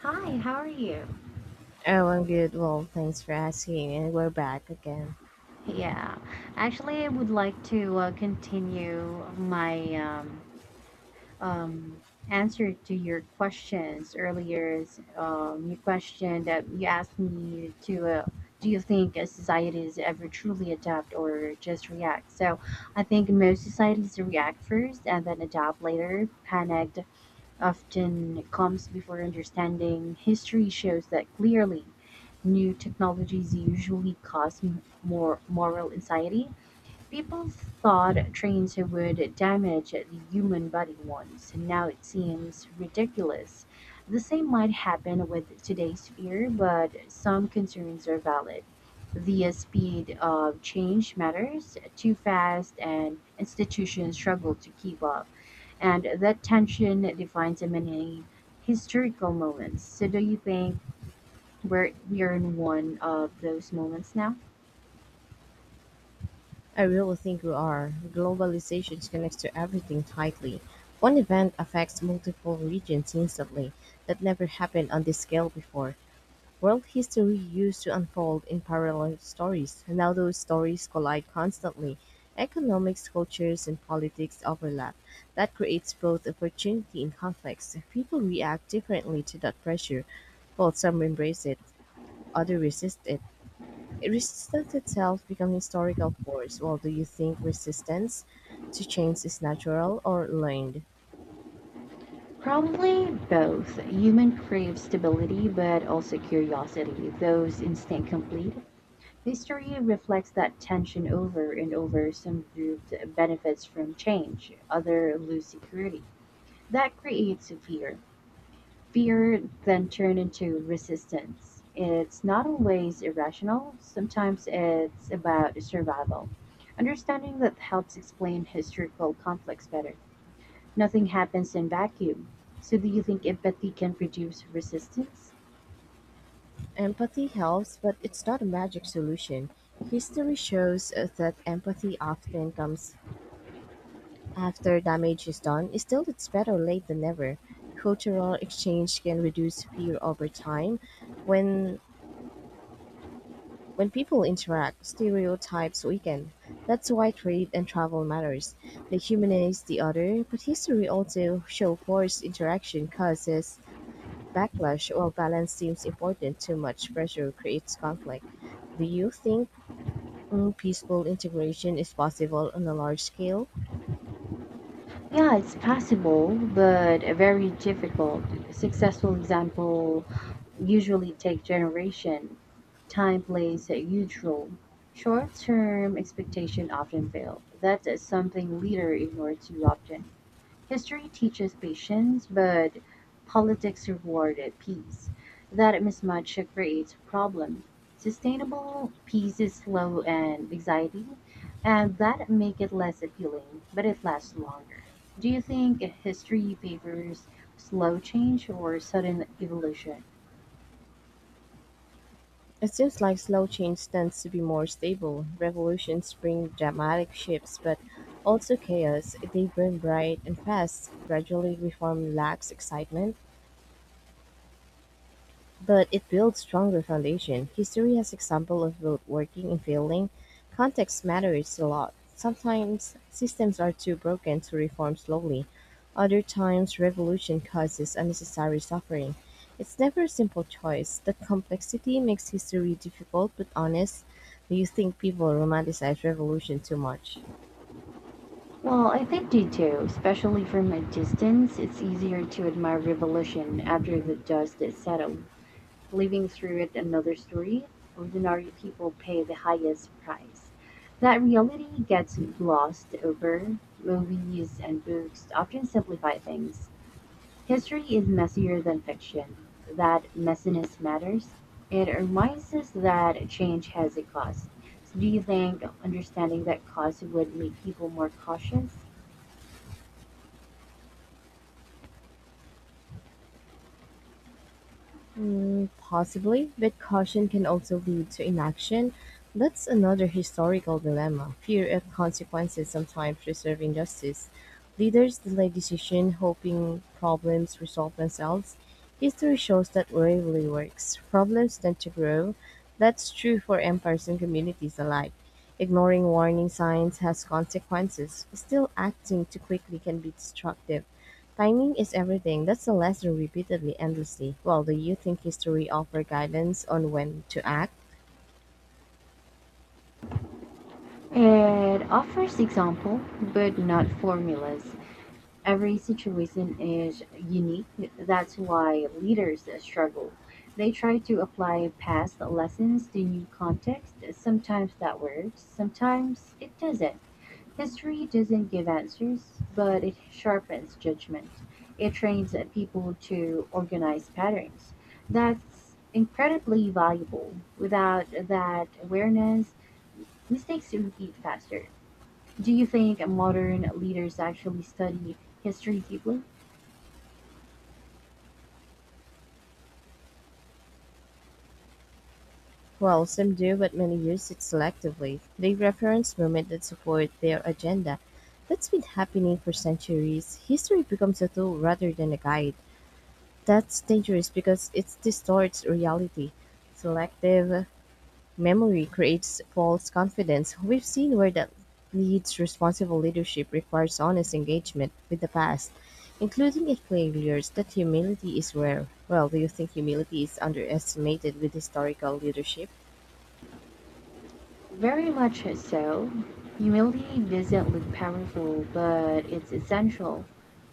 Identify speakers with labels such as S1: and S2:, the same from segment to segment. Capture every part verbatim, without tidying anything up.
S1: Hi, how are you?
S2: Oh, I'm good. Well, thanks for asking. And we're back again.
S1: Yeah, actually, I would like to uh, continue my um, um, answer to your questions earlier. Um, your question that you asked me to uh, do you think uh, societies ever truly adapt or just react? So I think most societies react first and then adapt later. Panic often comes before understanding. History shows that clearly. New technologies usually cause m- more moral anxiety. People thought trains would damage the human body once, and now it seems ridiculous. The same might happen with today's fear, but some concerns are valid. The speed of change matters too fast, and institutions struggle to keep up. And that tension defines many historical moments. So, do you think we're, we are in one of those moments now?
S2: I really think we are. Globalization connects to everything tightly. One event affects multiple regions instantly. That never happened on this scale before. World history used to unfold in parallel stories. Now those stories collide constantly. Economics, cultures, and politics overlap. That creates both opportunity and conflicts. People react differently to that pressure. Well, some embrace it, others resist it. Resistance itself become historical force. Well, do you think resistance to change is natural or learned?
S1: Probably both. Human crave stability, but also curiosity. Those instinct complete. History reflects that tension over and over. Some groups benefits from change, other lose security. That creates fear. Fear then turn into resistance. It's not always irrational. Sometimes it's about survival. Understanding that helps explain historical conflicts better. Nothing happens in vacuum. So do you think empathy can reduce resistance?
S2: Empathy helps, but it's not a magic solution. History shows uh, that empathy often comes after damage is done. Still, it's better late than never. Cultural exchange can reduce fear over time. When When people interact, stereotypes weaken. That's why trade and travel matters. They humanize the other, but history also shows forced interaction causes backlash while balance seems important. Too much pressure creates conflict. Do you think mm, peaceful integration is possible on a large scale?
S1: Yeah, it's possible, but very difficult. Successful example usually take generation. Time plays a huge role. Short-term expectation often fail. That's something leader ignore too often. History teaches patience, but politics rewarded peace. That mismatch creates a problem. Sustainable peace is slow and exciting, and that make it less appealing, but it lasts longer. Do you think history favors slow change or sudden evolution?
S2: It seems like slow change tends to be more stable. Revolutions bring dramatic shifts, but also chaos. They burn bright and fast. Gradually, reform lacks excitement, but it builds stronger foundation. History has example of both working and failing. Context matters a lot. Sometimes systems are too broken to reform slowly. Other times revolution causes unnecessary suffering. It's never a simple choice. The complexity makes history difficult but honest. Do you think people romanticize revolution too much?
S1: Well, I think they do, especially from a distance. It's easier to admire revolution after the dust is settled. Living through it another story, ordinary people pay the highest price. That reality gets glossed over. Movies and books often simplify things. History is messier than fiction. That messiness matters. It reminds us that change has a cost. So do you think understanding that cost would make people more cautious?
S2: Mm, possibly, but caution can also lead to inaction. That's another historical dilemma: fear of consequences sometimes preserve injustice. Leaders delay decision, hoping problems resolve themselves. History shows that rarely works. Problems tend to grow. That's true for empires and communities alike. Ignoring warning signs has consequences. Still, acting too quickly can be destructive. Timing is everything. That's a lesson repeatedly endlessly. Well, do you think history offer guidance on when to act?
S1: It offers example, but not formulas. Every situation is unique. That's why leaders struggle. They try to apply past lessons to new context. Sometimes that works, sometimes it doesn't. History doesn't give answers, but it sharpens judgment. It trains people to organize patterns. That's incredibly valuable. Without that awareness, mistakes repeat faster. Do you think modern leaders actually study history deeply?
S2: Well, some do, but many use it selectively. They reference moments that support their agenda. That's been happening for centuries. History becomes a tool rather than a guide. That's dangerous because it distorts reality. Selective memory creates false confidence; we've seen where that leads. Responsible leadership requires honest engagement with the past, including its failures. That humility is rare. Well, do you think humility is underestimated with historical leadership?
S1: Very much so. Humility doesn't look powerful, but it's essential.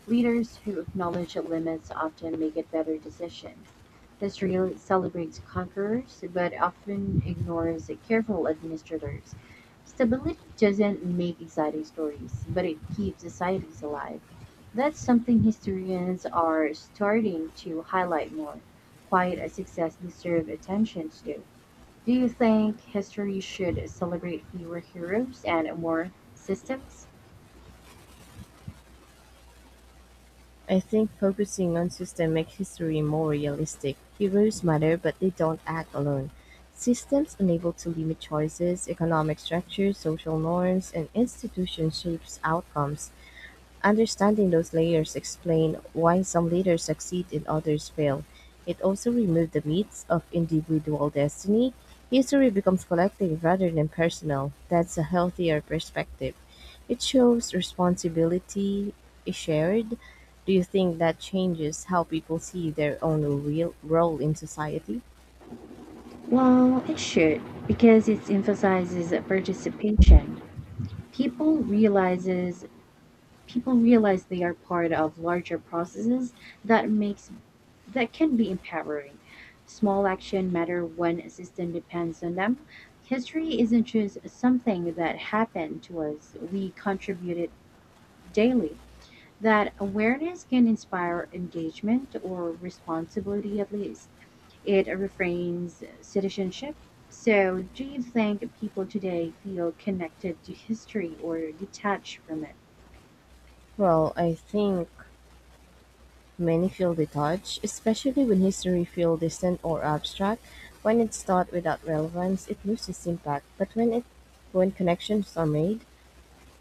S1: Leaders who acknowledge limits often make it better decisions. History celebrates conquerors, but often ignores careful administrators. Stability doesn't make exciting stories, but it keeps societies alive. That's something historians are starting to highlight more. Quiet success deserves attention too. Do you think history should celebrate fewer heroes and more systems?
S2: I think focusing on systems makes history more realistic. Heroes matter, but they don't act alone. Systems unable to limit choices, economic structures, social norms, and institutions shapes outcomes. Understanding those layers explain why some leaders succeed and others fail. It also removed the myths of individual destiny. History becomes collective rather than personal. That's a healthier perspective. It shows responsibility is shared. Do you think that changes how people see their own real role in society?
S1: Well, it should because it emphasizes participation. People realizes People realize they are part of larger processes that makes that can be empowering. Small action matter when a system depends on them. History isn't just something that happened to us. We contribute it daily. That awareness can inspire engagement or responsibility at least. It refrains citizenship. So, do you think people today feel connected to history or detached from it?
S2: Well, I think many feel detached, especially when history feels distant or abstract. When it's taught without relevance, it loses impact. But when it, when connections are made,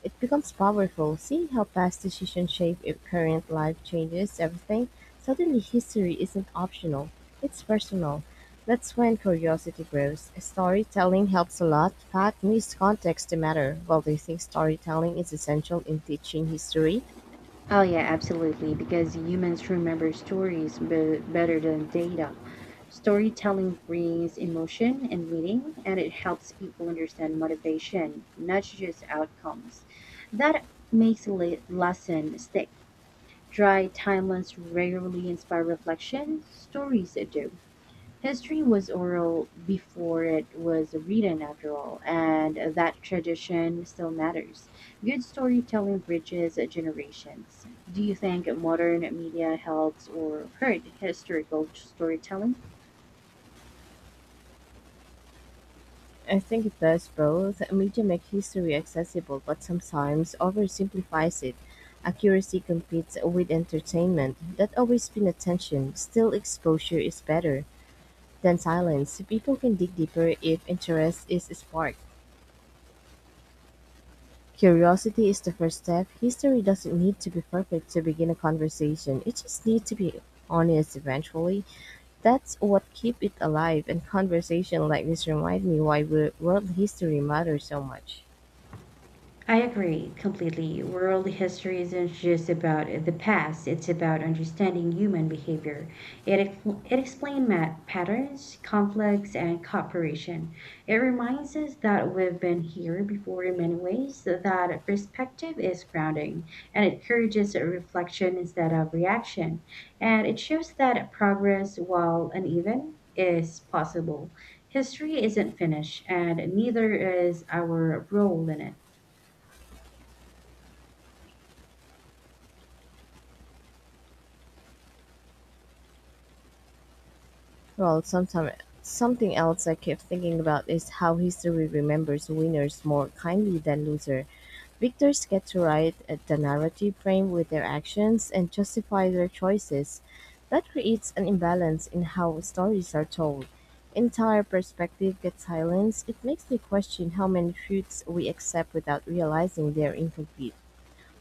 S2: it becomes powerful. Seeing how past decisions shape if current life changes everything, suddenly history isn't optional. It's personal. That's when curiosity grows. Storytelling helps a lot. Pat needs context to matter. While they think storytelling is essential in teaching history?
S1: Oh, yeah, absolutely, because humans remember stories be- better than data. Storytelling brings emotion and meaning, and it helps people understand motivation, not just outcomes. That makes a le- lesson stick. Dry timelines rarely inspire reflection, stories do. History was oral before it was written, after all, and that tradition still matters. Good storytelling bridges generations. Do you think modern media helps or hurt historical storytelling?
S2: I think it does both. Media make history accessible but sometimes oversimplifies it. Accuracy competes with entertainment. That always been a tension. Still, exposure is better than silence. People can dig deeper if interest is sparked. Curiosity is the first step. History doesn't need to be perfect to begin a conversation. It just needs to be honest eventually. That's what keep it alive, and conversation like this remind me why wo- world history matters so much.
S1: I agree completely. World history isn't just about the past, it's about understanding human behavior. It, ex- it explains mat- patterns, conflicts, and cooperation. It reminds us that we've been here before in many ways, that perspective is grounding, and it encourages reflection instead of reaction. And it shows that progress, while uneven, is possible. History isn't finished, and neither is our role in it.
S2: Well, sometime, something else I keep thinking about is how history remembers winners more kindly than losers. Victors get to write at the narrative frame with their actions and justify their choices. That creates an imbalance in how stories are told. Entire perspective gets silenced. It makes me question how many truths we accept without realizing they're incomplete.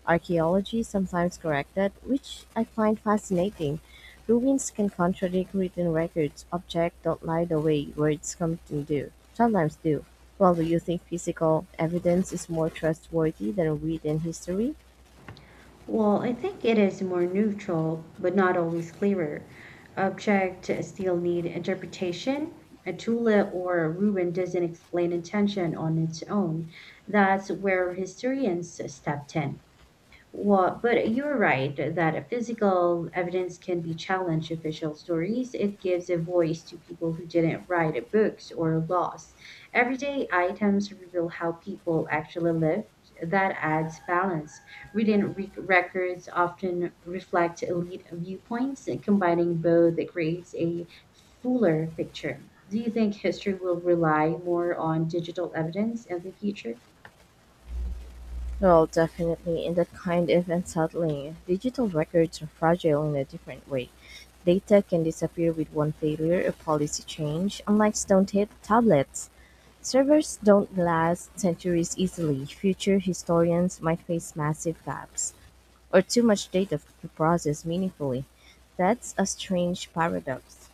S2: Archaeology sometimes corrected, which I find fascinating. Ruins can contradict written records. Objects don't lie the way words come to do. Sometimes do. Well, do you think physical evidence is more trustworthy than written history?
S1: Well, I think it is more neutral, but not always clearer. Objects still need interpretation. A Tula or a Rubin doesn't explain intention on its own. That's where historians stepped in. Well, but you're right that physical evidence can be challenged official stories. It gives a voice to people who didn't write books or laws. Everyday items reveal how people actually lived. That adds balance. Written re- records often reflect elite viewpoints, and combining both creates a fuller picture. Do you think history will rely more on digital evidence in the future?
S2: Well, definitely, and that kind of unsettling. Digital records are fragile in a different way. Data can disappear with one failure or policy change, unlike stone ta- tablets. Servers don't last centuries easily; future historians might face massive gaps or too much data to process meaningfully. That's a strange paradox.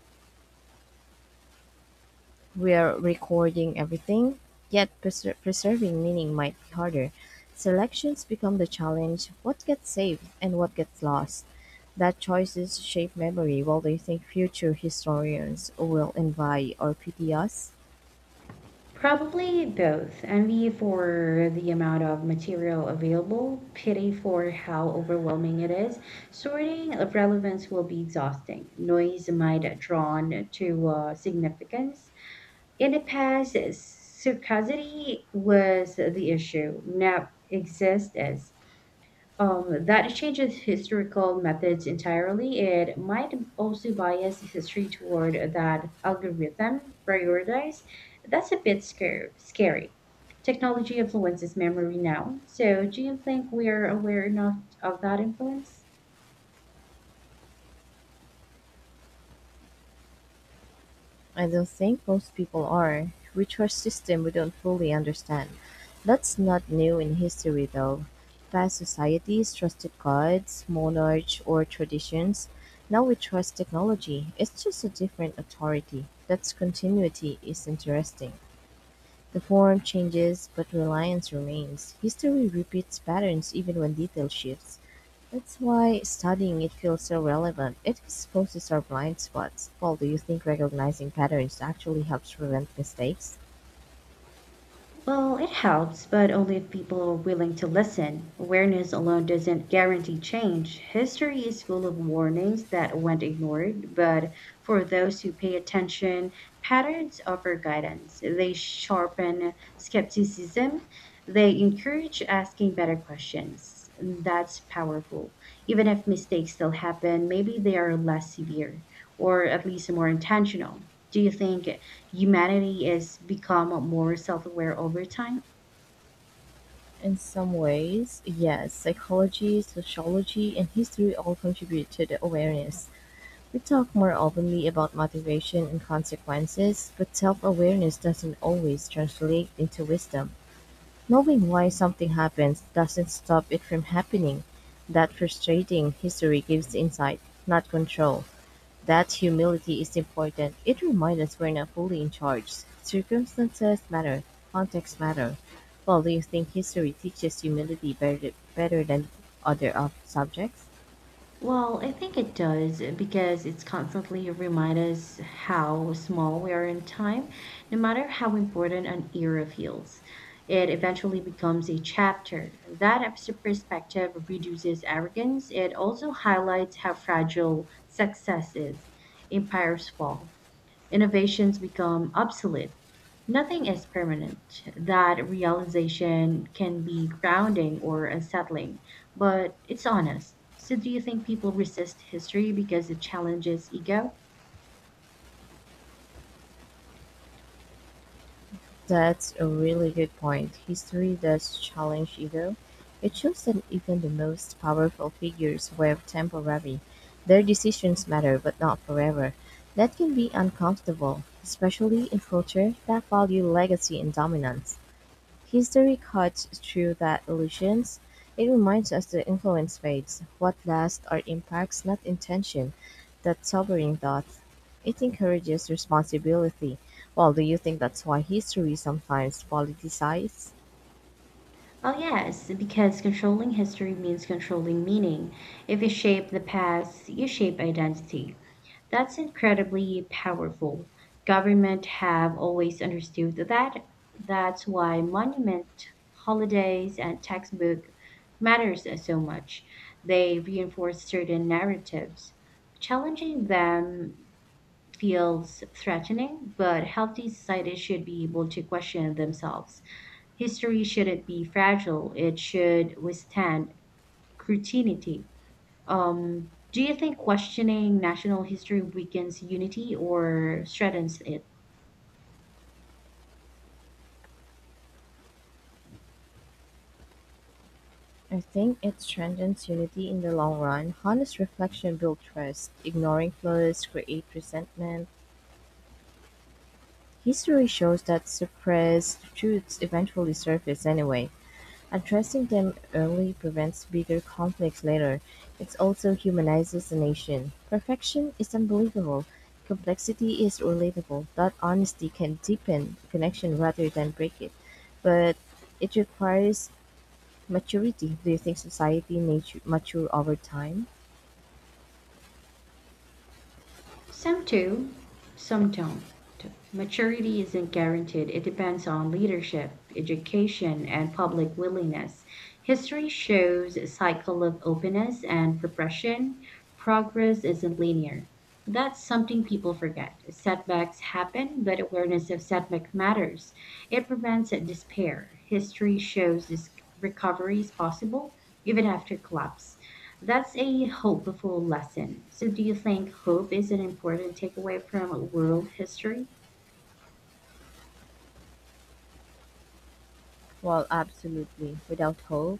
S2: We're recording everything, yet preser- preserving meaning might be harder. Selections become the challenge: what gets saved and what gets lost. That choices shape memory while they think future historians will envy or pity us.
S1: Probably both envy for the amount of material available, pity for how overwhelming it is. Sorting of relevance will be exhausting. Noise might drawn to uh, significance. In the past, scarcity was the issue. Now exists. Um, that changes historical methods entirely. It might also bias history toward that algorithm prioritize. That's a bit scary. scary. Technology influences memory now. So, do you think we are aware enough of that influence?
S2: I don't think most people are, which are system we don't fully understand. That's not new in history though. Past societies trusted gods, monarchs, or traditions. Now we trust technology. It's just a different authority. That's continuity is interesting. The form changes, but reliance remains. History repeats patterns even when detail shifts. That's why studying it feels so relevant. It exposes our blind spots. Paul, do you think recognizing patterns actually helps prevent mistakes?
S1: Well, it helps, but only if people are willing to listen. Awareness alone doesn't guarantee change. History is full of warnings that went ignored, but for those who pay attention, patterns offer guidance. They sharpen skepticism, they encourage asking better questions. That's powerful. Even if mistakes still happen, maybe they are less severe, or at least more intentional. Do you think humanity has become more self-aware over time?
S2: In some ways, yes. Psychology, sociology, and history all contribute to the awareness. We talk more openly about motivation and consequences, but self awareness doesn't always translate into wisdom. Knowing why something happens doesn't stop it from happening. That frustrating history gives insight, not control. That humility is important, it reminds us we're not fully in charge. Circumstances matter, context matter. Well, do you think history teaches humility better, better than other ob- subjects?
S1: Well, I think it does because it's constantly remind us how small we are in time, no matter how important an era feels. It eventually becomes a chapter. That abstract perspective reduces arrogance. It also highlights how fragile success is. Empires fall. Innovations become obsolete. Nothing is permanent. That realization can be grounding or unsettling, but it's honest. So, do you think people resist history because it challenges ego?
S2: That's a really good point. History does challenge ego. It shows that even the most powerful figures were temporary. Their decisions matter, but not forever. That can be uncomfortable, especially in culture that value legacy and dominance. History cuts through that illusions. It reminds us that influence fades, what lasts are impacts, not intention. That sobering thought. It encourages responsibility. Well, do you think that's why history sometimes politicizes?
S1: Well, yes, because controlling history means controlling meaning. If you shape the past, you shape identity. That's incredibly powerful. Government have always understood that. That's why monument holidays and textbook matters so much. They reinforce certain narratives. Challenging them feels threatening, but healthy societies should be able to question themselves. History shouldn't be fragile. It should withstand scrutiny. Um, do you think questioning national history weakens unity or strengthens it?
S2: I think it strengthens unity in the long run. Honest reflection builds trust. Ignoring flaws creates resentment. History shows that suppressed truths eventually surface anyway. Addressing them early prevents bigger conflicts later; it also humanizes the nation. Perfection is unbelievable; complexity is relatable. That honesty can deepen the connection rather than break it. But it requires maturity. Do you think society nature mature over time?
S1: Some do, some don't. Maturity isn't guaranteed. It depends on leadership, education, and public willingness. History shows a cycle of openness and repression. Progress isn't linear. That's something people forget. Setbacks happen, but awareness of setback matters. It prevents despair. History shows this recovery is possible even after collapse. That's a hopeful lesson. So, do you think hope is an important takeaway from world history?
S2: Well, absolutely. Without hope,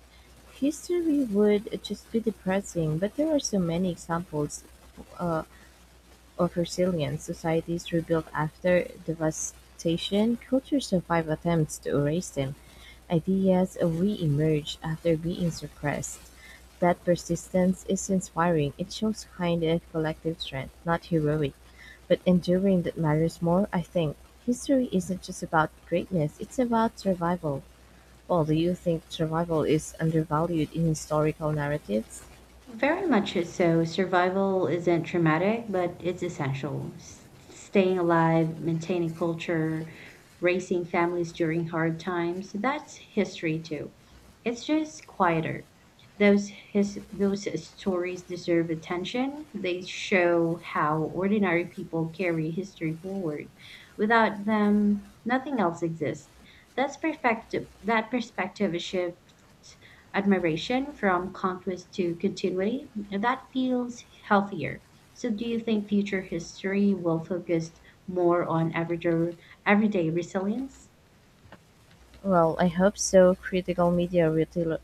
S2: history would just be depressing. But there are so many examples uh, of resilient societies rebuilt after devastation, cultures survive attempts to erase them. Ideas re-emerge after being suppressed. That persistence is inspiring. It shows kind of collective strength, not heroic, but enduring that matters more, I think. History isn't just about greatness, it's about survival. Well, do you think survival is undervalued in historical narratives?
S1: Very much so. Survival isn't traumatic, but it's essential. S- staying alive, maintaining culture, raising families during hard times, that's history too. It's just quieter. Those his those stories deserve attention. They show how ordinary people carry history forward. Without them, nothing else exists. That's perfect. That perspective shift admiration from conquest to continuity, that feels healthier. So, do you think future history will focus more on everyday, everyday resilience?
S2: Well, I hope so. Critical media really. Lo-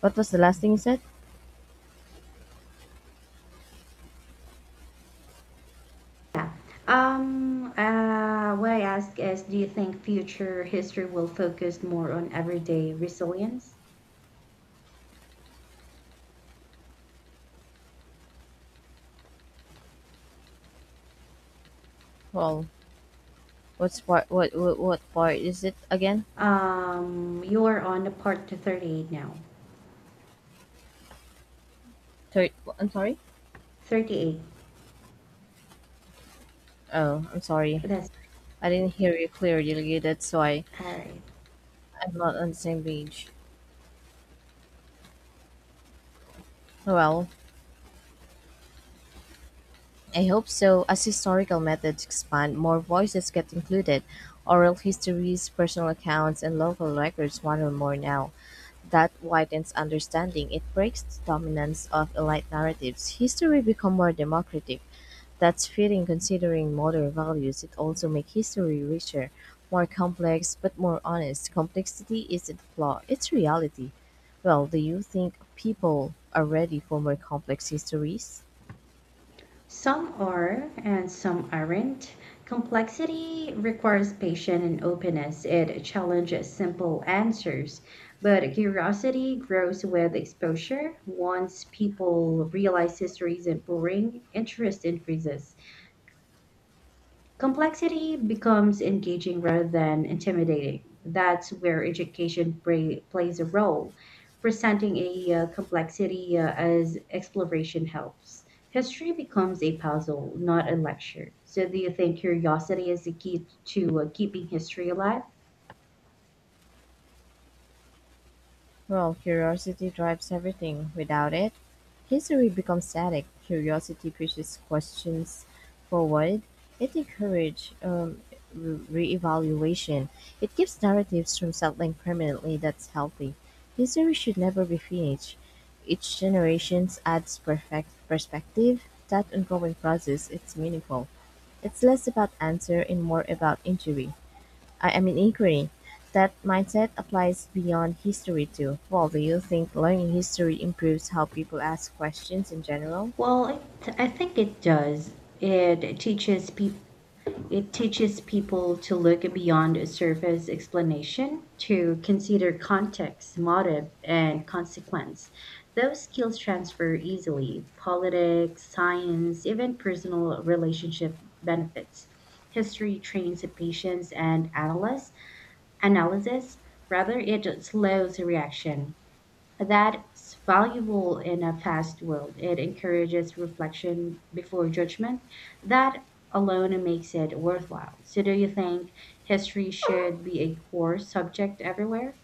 S2: What was the last thing you said?
S1: Yeah. Um, uh, what I ask is, do you think future history will focus more on everyday resilience?
S2: Well, what's part, what what what part is it again?
S1: Um, you're on the part to thirty-eight now.
S2: Third. I'm sorry.
S1: thirty-eight.
S2: Oh, I'm sorry.
S1: That's
S2: I didn't hear you clearly. That's why
S1: all right.
S2: I'm not on the same page. Well, I hope so. As historical methods expand, more voices get included. Oral histories, personal accounts, and local records matter more now. That widens understanding. It breaks the dominance of elite narratives. History become more democratic. That's fitting considering modern values. It also makes history richer, more complex, but more honest. Complexity isn't a flaw, it's reality. Well, do you think people are ready for more complex histories?
S1: Some are and some aren't. Complexity requires patience and openness. It challenges simple answers, but curiosity grows with exposure. Once people realize history isn't boring, interest increases. Complexity becomes engaging rather than intimidating. That's where education pra- plays a role. Presenting a uh, complexity uh, as exploration helps. History becomes a puzzle, not a lecture. So, do you think curiosity is the key to uh, keeping history alive?
S2: Well, curiosity drives everything. Without it, history becomes static. Curiosity pushes questions forward. It encourages um, re- reevaluation. It keeps narratives from settling permanently. That's healthy. History should never be finished. Each generation adds perfect perspective. That ongoing process, it's meaningful. It's less about answer and more about injury. I am in agreement. That mindset applies beyond history too. Well, do you think learning history improves how people ask questions in general?
S1: Well, it, I think it does. It teaches people It teaches people to look beyond a surface explanation, to consider context, motive, and consequence. Those skills transfer easily. Politics, science, even personal relationship benefits. History trains the patience and analysis, analysis rather it slows the reaction. That's valuable in a fast world. It encourages reflection before judgment. That alone makes it worthwhile. So, do you think history should be a core subject everywhere?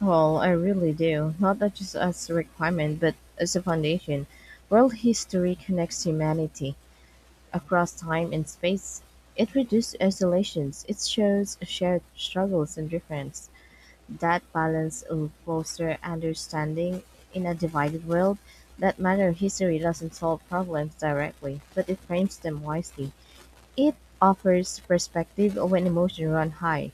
S2: Well, I really do. Not that just as a requirement, but as a foundation. World history connects humanity across time and space. It reduces isolations. It shows shared struggles and difference. That balance will foster understanding in a divided world. That matter history doesn't solve problems directly, but it frames them wisely. It offers perspective when emotions run high.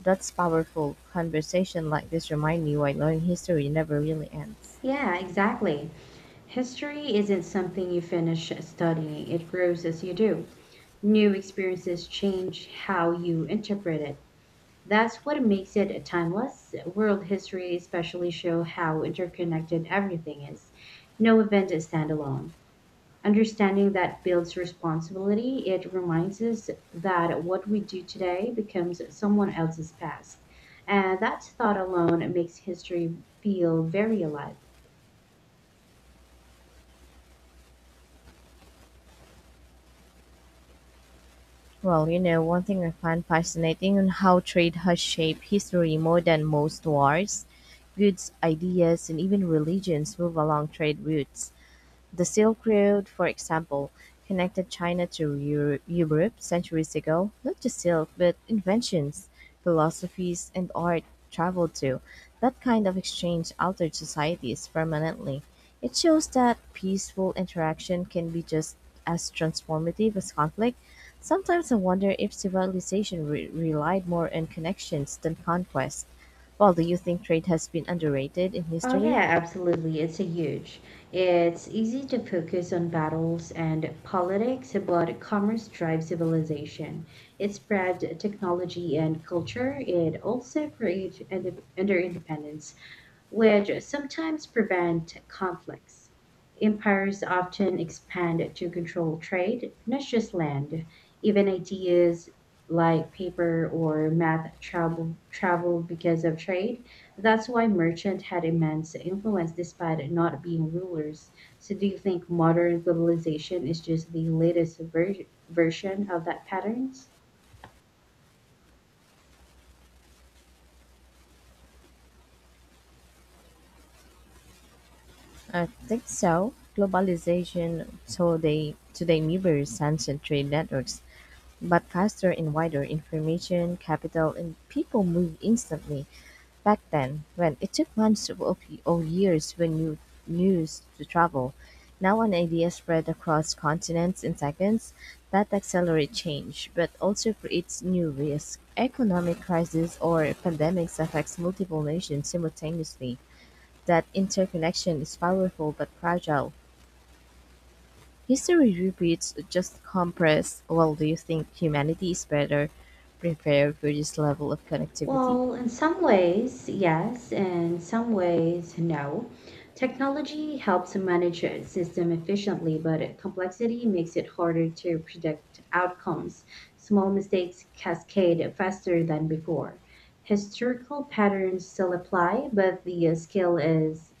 S2: That's powerful. Conversation like this remind me why learning history never really ends.
S1: Yeah, exactly. History isn't something you finish studying, it grows as you do. New experiences change how you interpret it. That's what makes it timeless. World history especially show how interconnected everything is. No event is standalone. Understanding that builds responsibility. It reminds us that what we do today becomes someone else's past. And that thought alone makes history feel very alive.
S2: Well, you know, one thing I find fascinating on how trade has shaped history more than most wars: goods, ideas, and even religions move along trade routes. The Silk Road, for example, connected China to Eu- Europe centuries ago. Not just silk, but inventions, philosophies, and art traveled too. That kind of exchange altered societies permanently. It shows that peaceful interaction can be just as transformative as conflict. Sometimes I wonder if civilization re- relied more on connections than conquest. Well, do you think trade has been underrated in
S1: Oh yeah,
S2: history?
S1: absolutely. It's a huge. It's easy to focus on battles and politics, but commerce drives civilization. It spread technology and culture. It also created under independence which sometimes prevent conflicts. Empires often expand to control trade, not just land. Even ideas like paper or math travel traveled because of trade. That's why merchants had immense influence despite not being rulers. So, do you think modern globalization is just the latest ver- version of that pattern?
S2: I think so. Globalization today today mirrors ancient trade networks, but faster and wider. Information, capital, and people move instantly. Back then, when it took months or or years for new news to travel, now an idea spread across continents in seconds. That accelerates change, but also creates new risks. Economic crisis or pandemics affects multiple nations simultaneously. That interconnection is powerful but fragile. History repeats just compressed. Well, do you think humanity is better prepared for this level of connectivity?
S1: Well, in some ways, yes, in some ways, no. Technology helps manage a system efficiently, but complexity makes it harder to predict outcomes. Small mistakes cascade faster than before. Historical patterns still apply, but the uh, scale is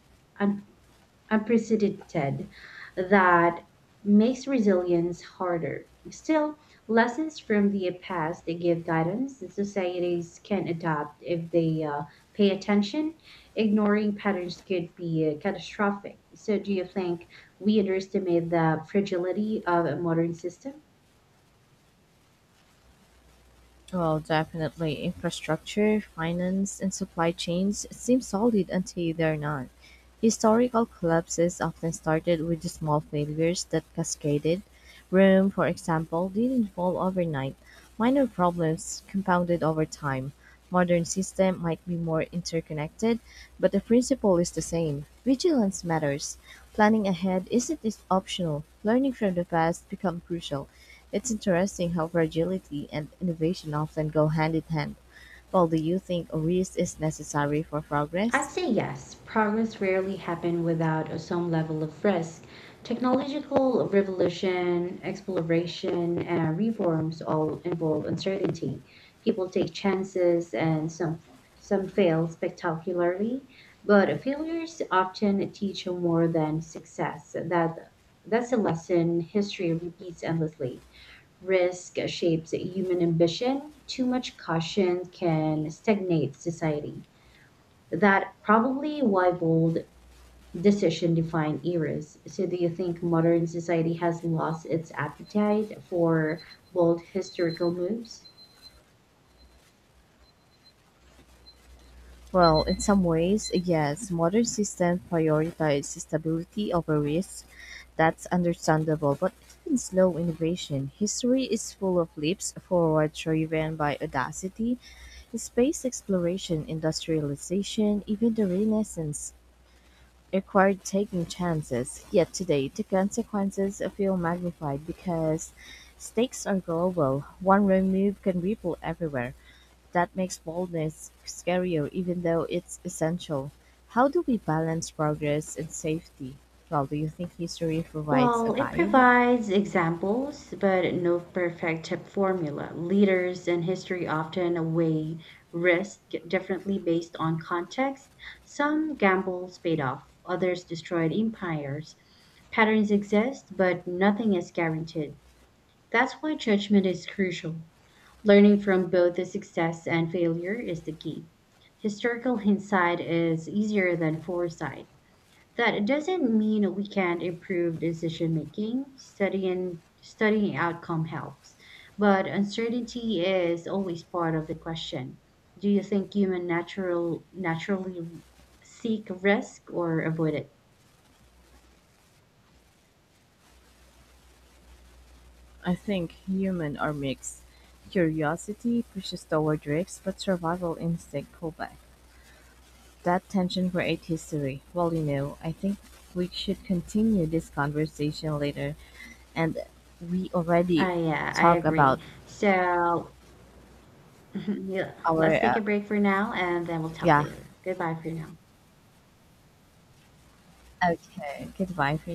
S1: unprecedented that makes resilience harder. Still, lessons from the past they give guidance that societies can adopt if they uh, pay attention. Ignoring patterns could be uh, catastrophic. So, do you think we underestimate the fragility of a modern system?
S2: Well, definitely. Infrastructure, finance, and supply chains seem solid until they're not. Historical collapses often started with the small failures that cascaded. Rome, for example, didn't fall overnight. Minor problems compounded over time. Modern system might be more interconnected, but the principle is the same. Vigilance matters. Planning ahead isn't is optional. Learning from the past become crucial. It's interesting how fragility and innovation often go hand in hand. Well, do you think risk is necessary for
S1: I'd
S2: progress?
S1: say yes. Progress rarely happened without a- some level of risk. Technological revolution, exploration, and reforms all involve uncertainty. People take chances and some some fail spectacularly, but failures often teach more than success. That that's a lesson history repeats endlessly. Risk shapes human ambition. Too much caution can stagnate society that probably why bold decision define eras. So do you think modern society has lost its appetite for bold historical moves?
S2: Well, in some ways, yes. Modern systems prioritize stability over risk. That's understandable, but even slow innovation. History is full of leaps forward driven by audacity. Space exploration, industrialization, even the Renaissance, it required taking chances, yet today the consequences feel magnified because stakes are global. One wrong move can ripple everywhere. That makes boldness scarier, even though it's essential. How do we balance progress and safety? Well, do you think history provides a
S1: Well, it
S2: guide?
S1: provides examples, but no perfect formula. Leaders in history often weigh risk differently based on context. Some gambles paid off, others destroyed empires. Patterns exist, but nothing is guaranteed. That's why judgment is crucial. Learning from both the success and failure is the key. Historical hindsight is easier than foresight. That doesn't mean we can't improve decision making. Studying studying outcome helps, but uncertainty is always part of the question. Do you think human natural naturally seek risk or avoid it?
S2: I think human are mixed. Curiosity pushes toward risks, but survival instinct pulls back. That tension creates history. Well, you know, I think we should continue this conversation later, and we already
S1: Ah, yeah, I
S2: talk
S1: agree.
S2: about
S1: So yeah,
S2: our
S1: let's
S2: uh,
S1: take a break for now, and then we'll talk
S2: yeah.
S1: later. Goodbye for now.
S2: Okay, goodbye for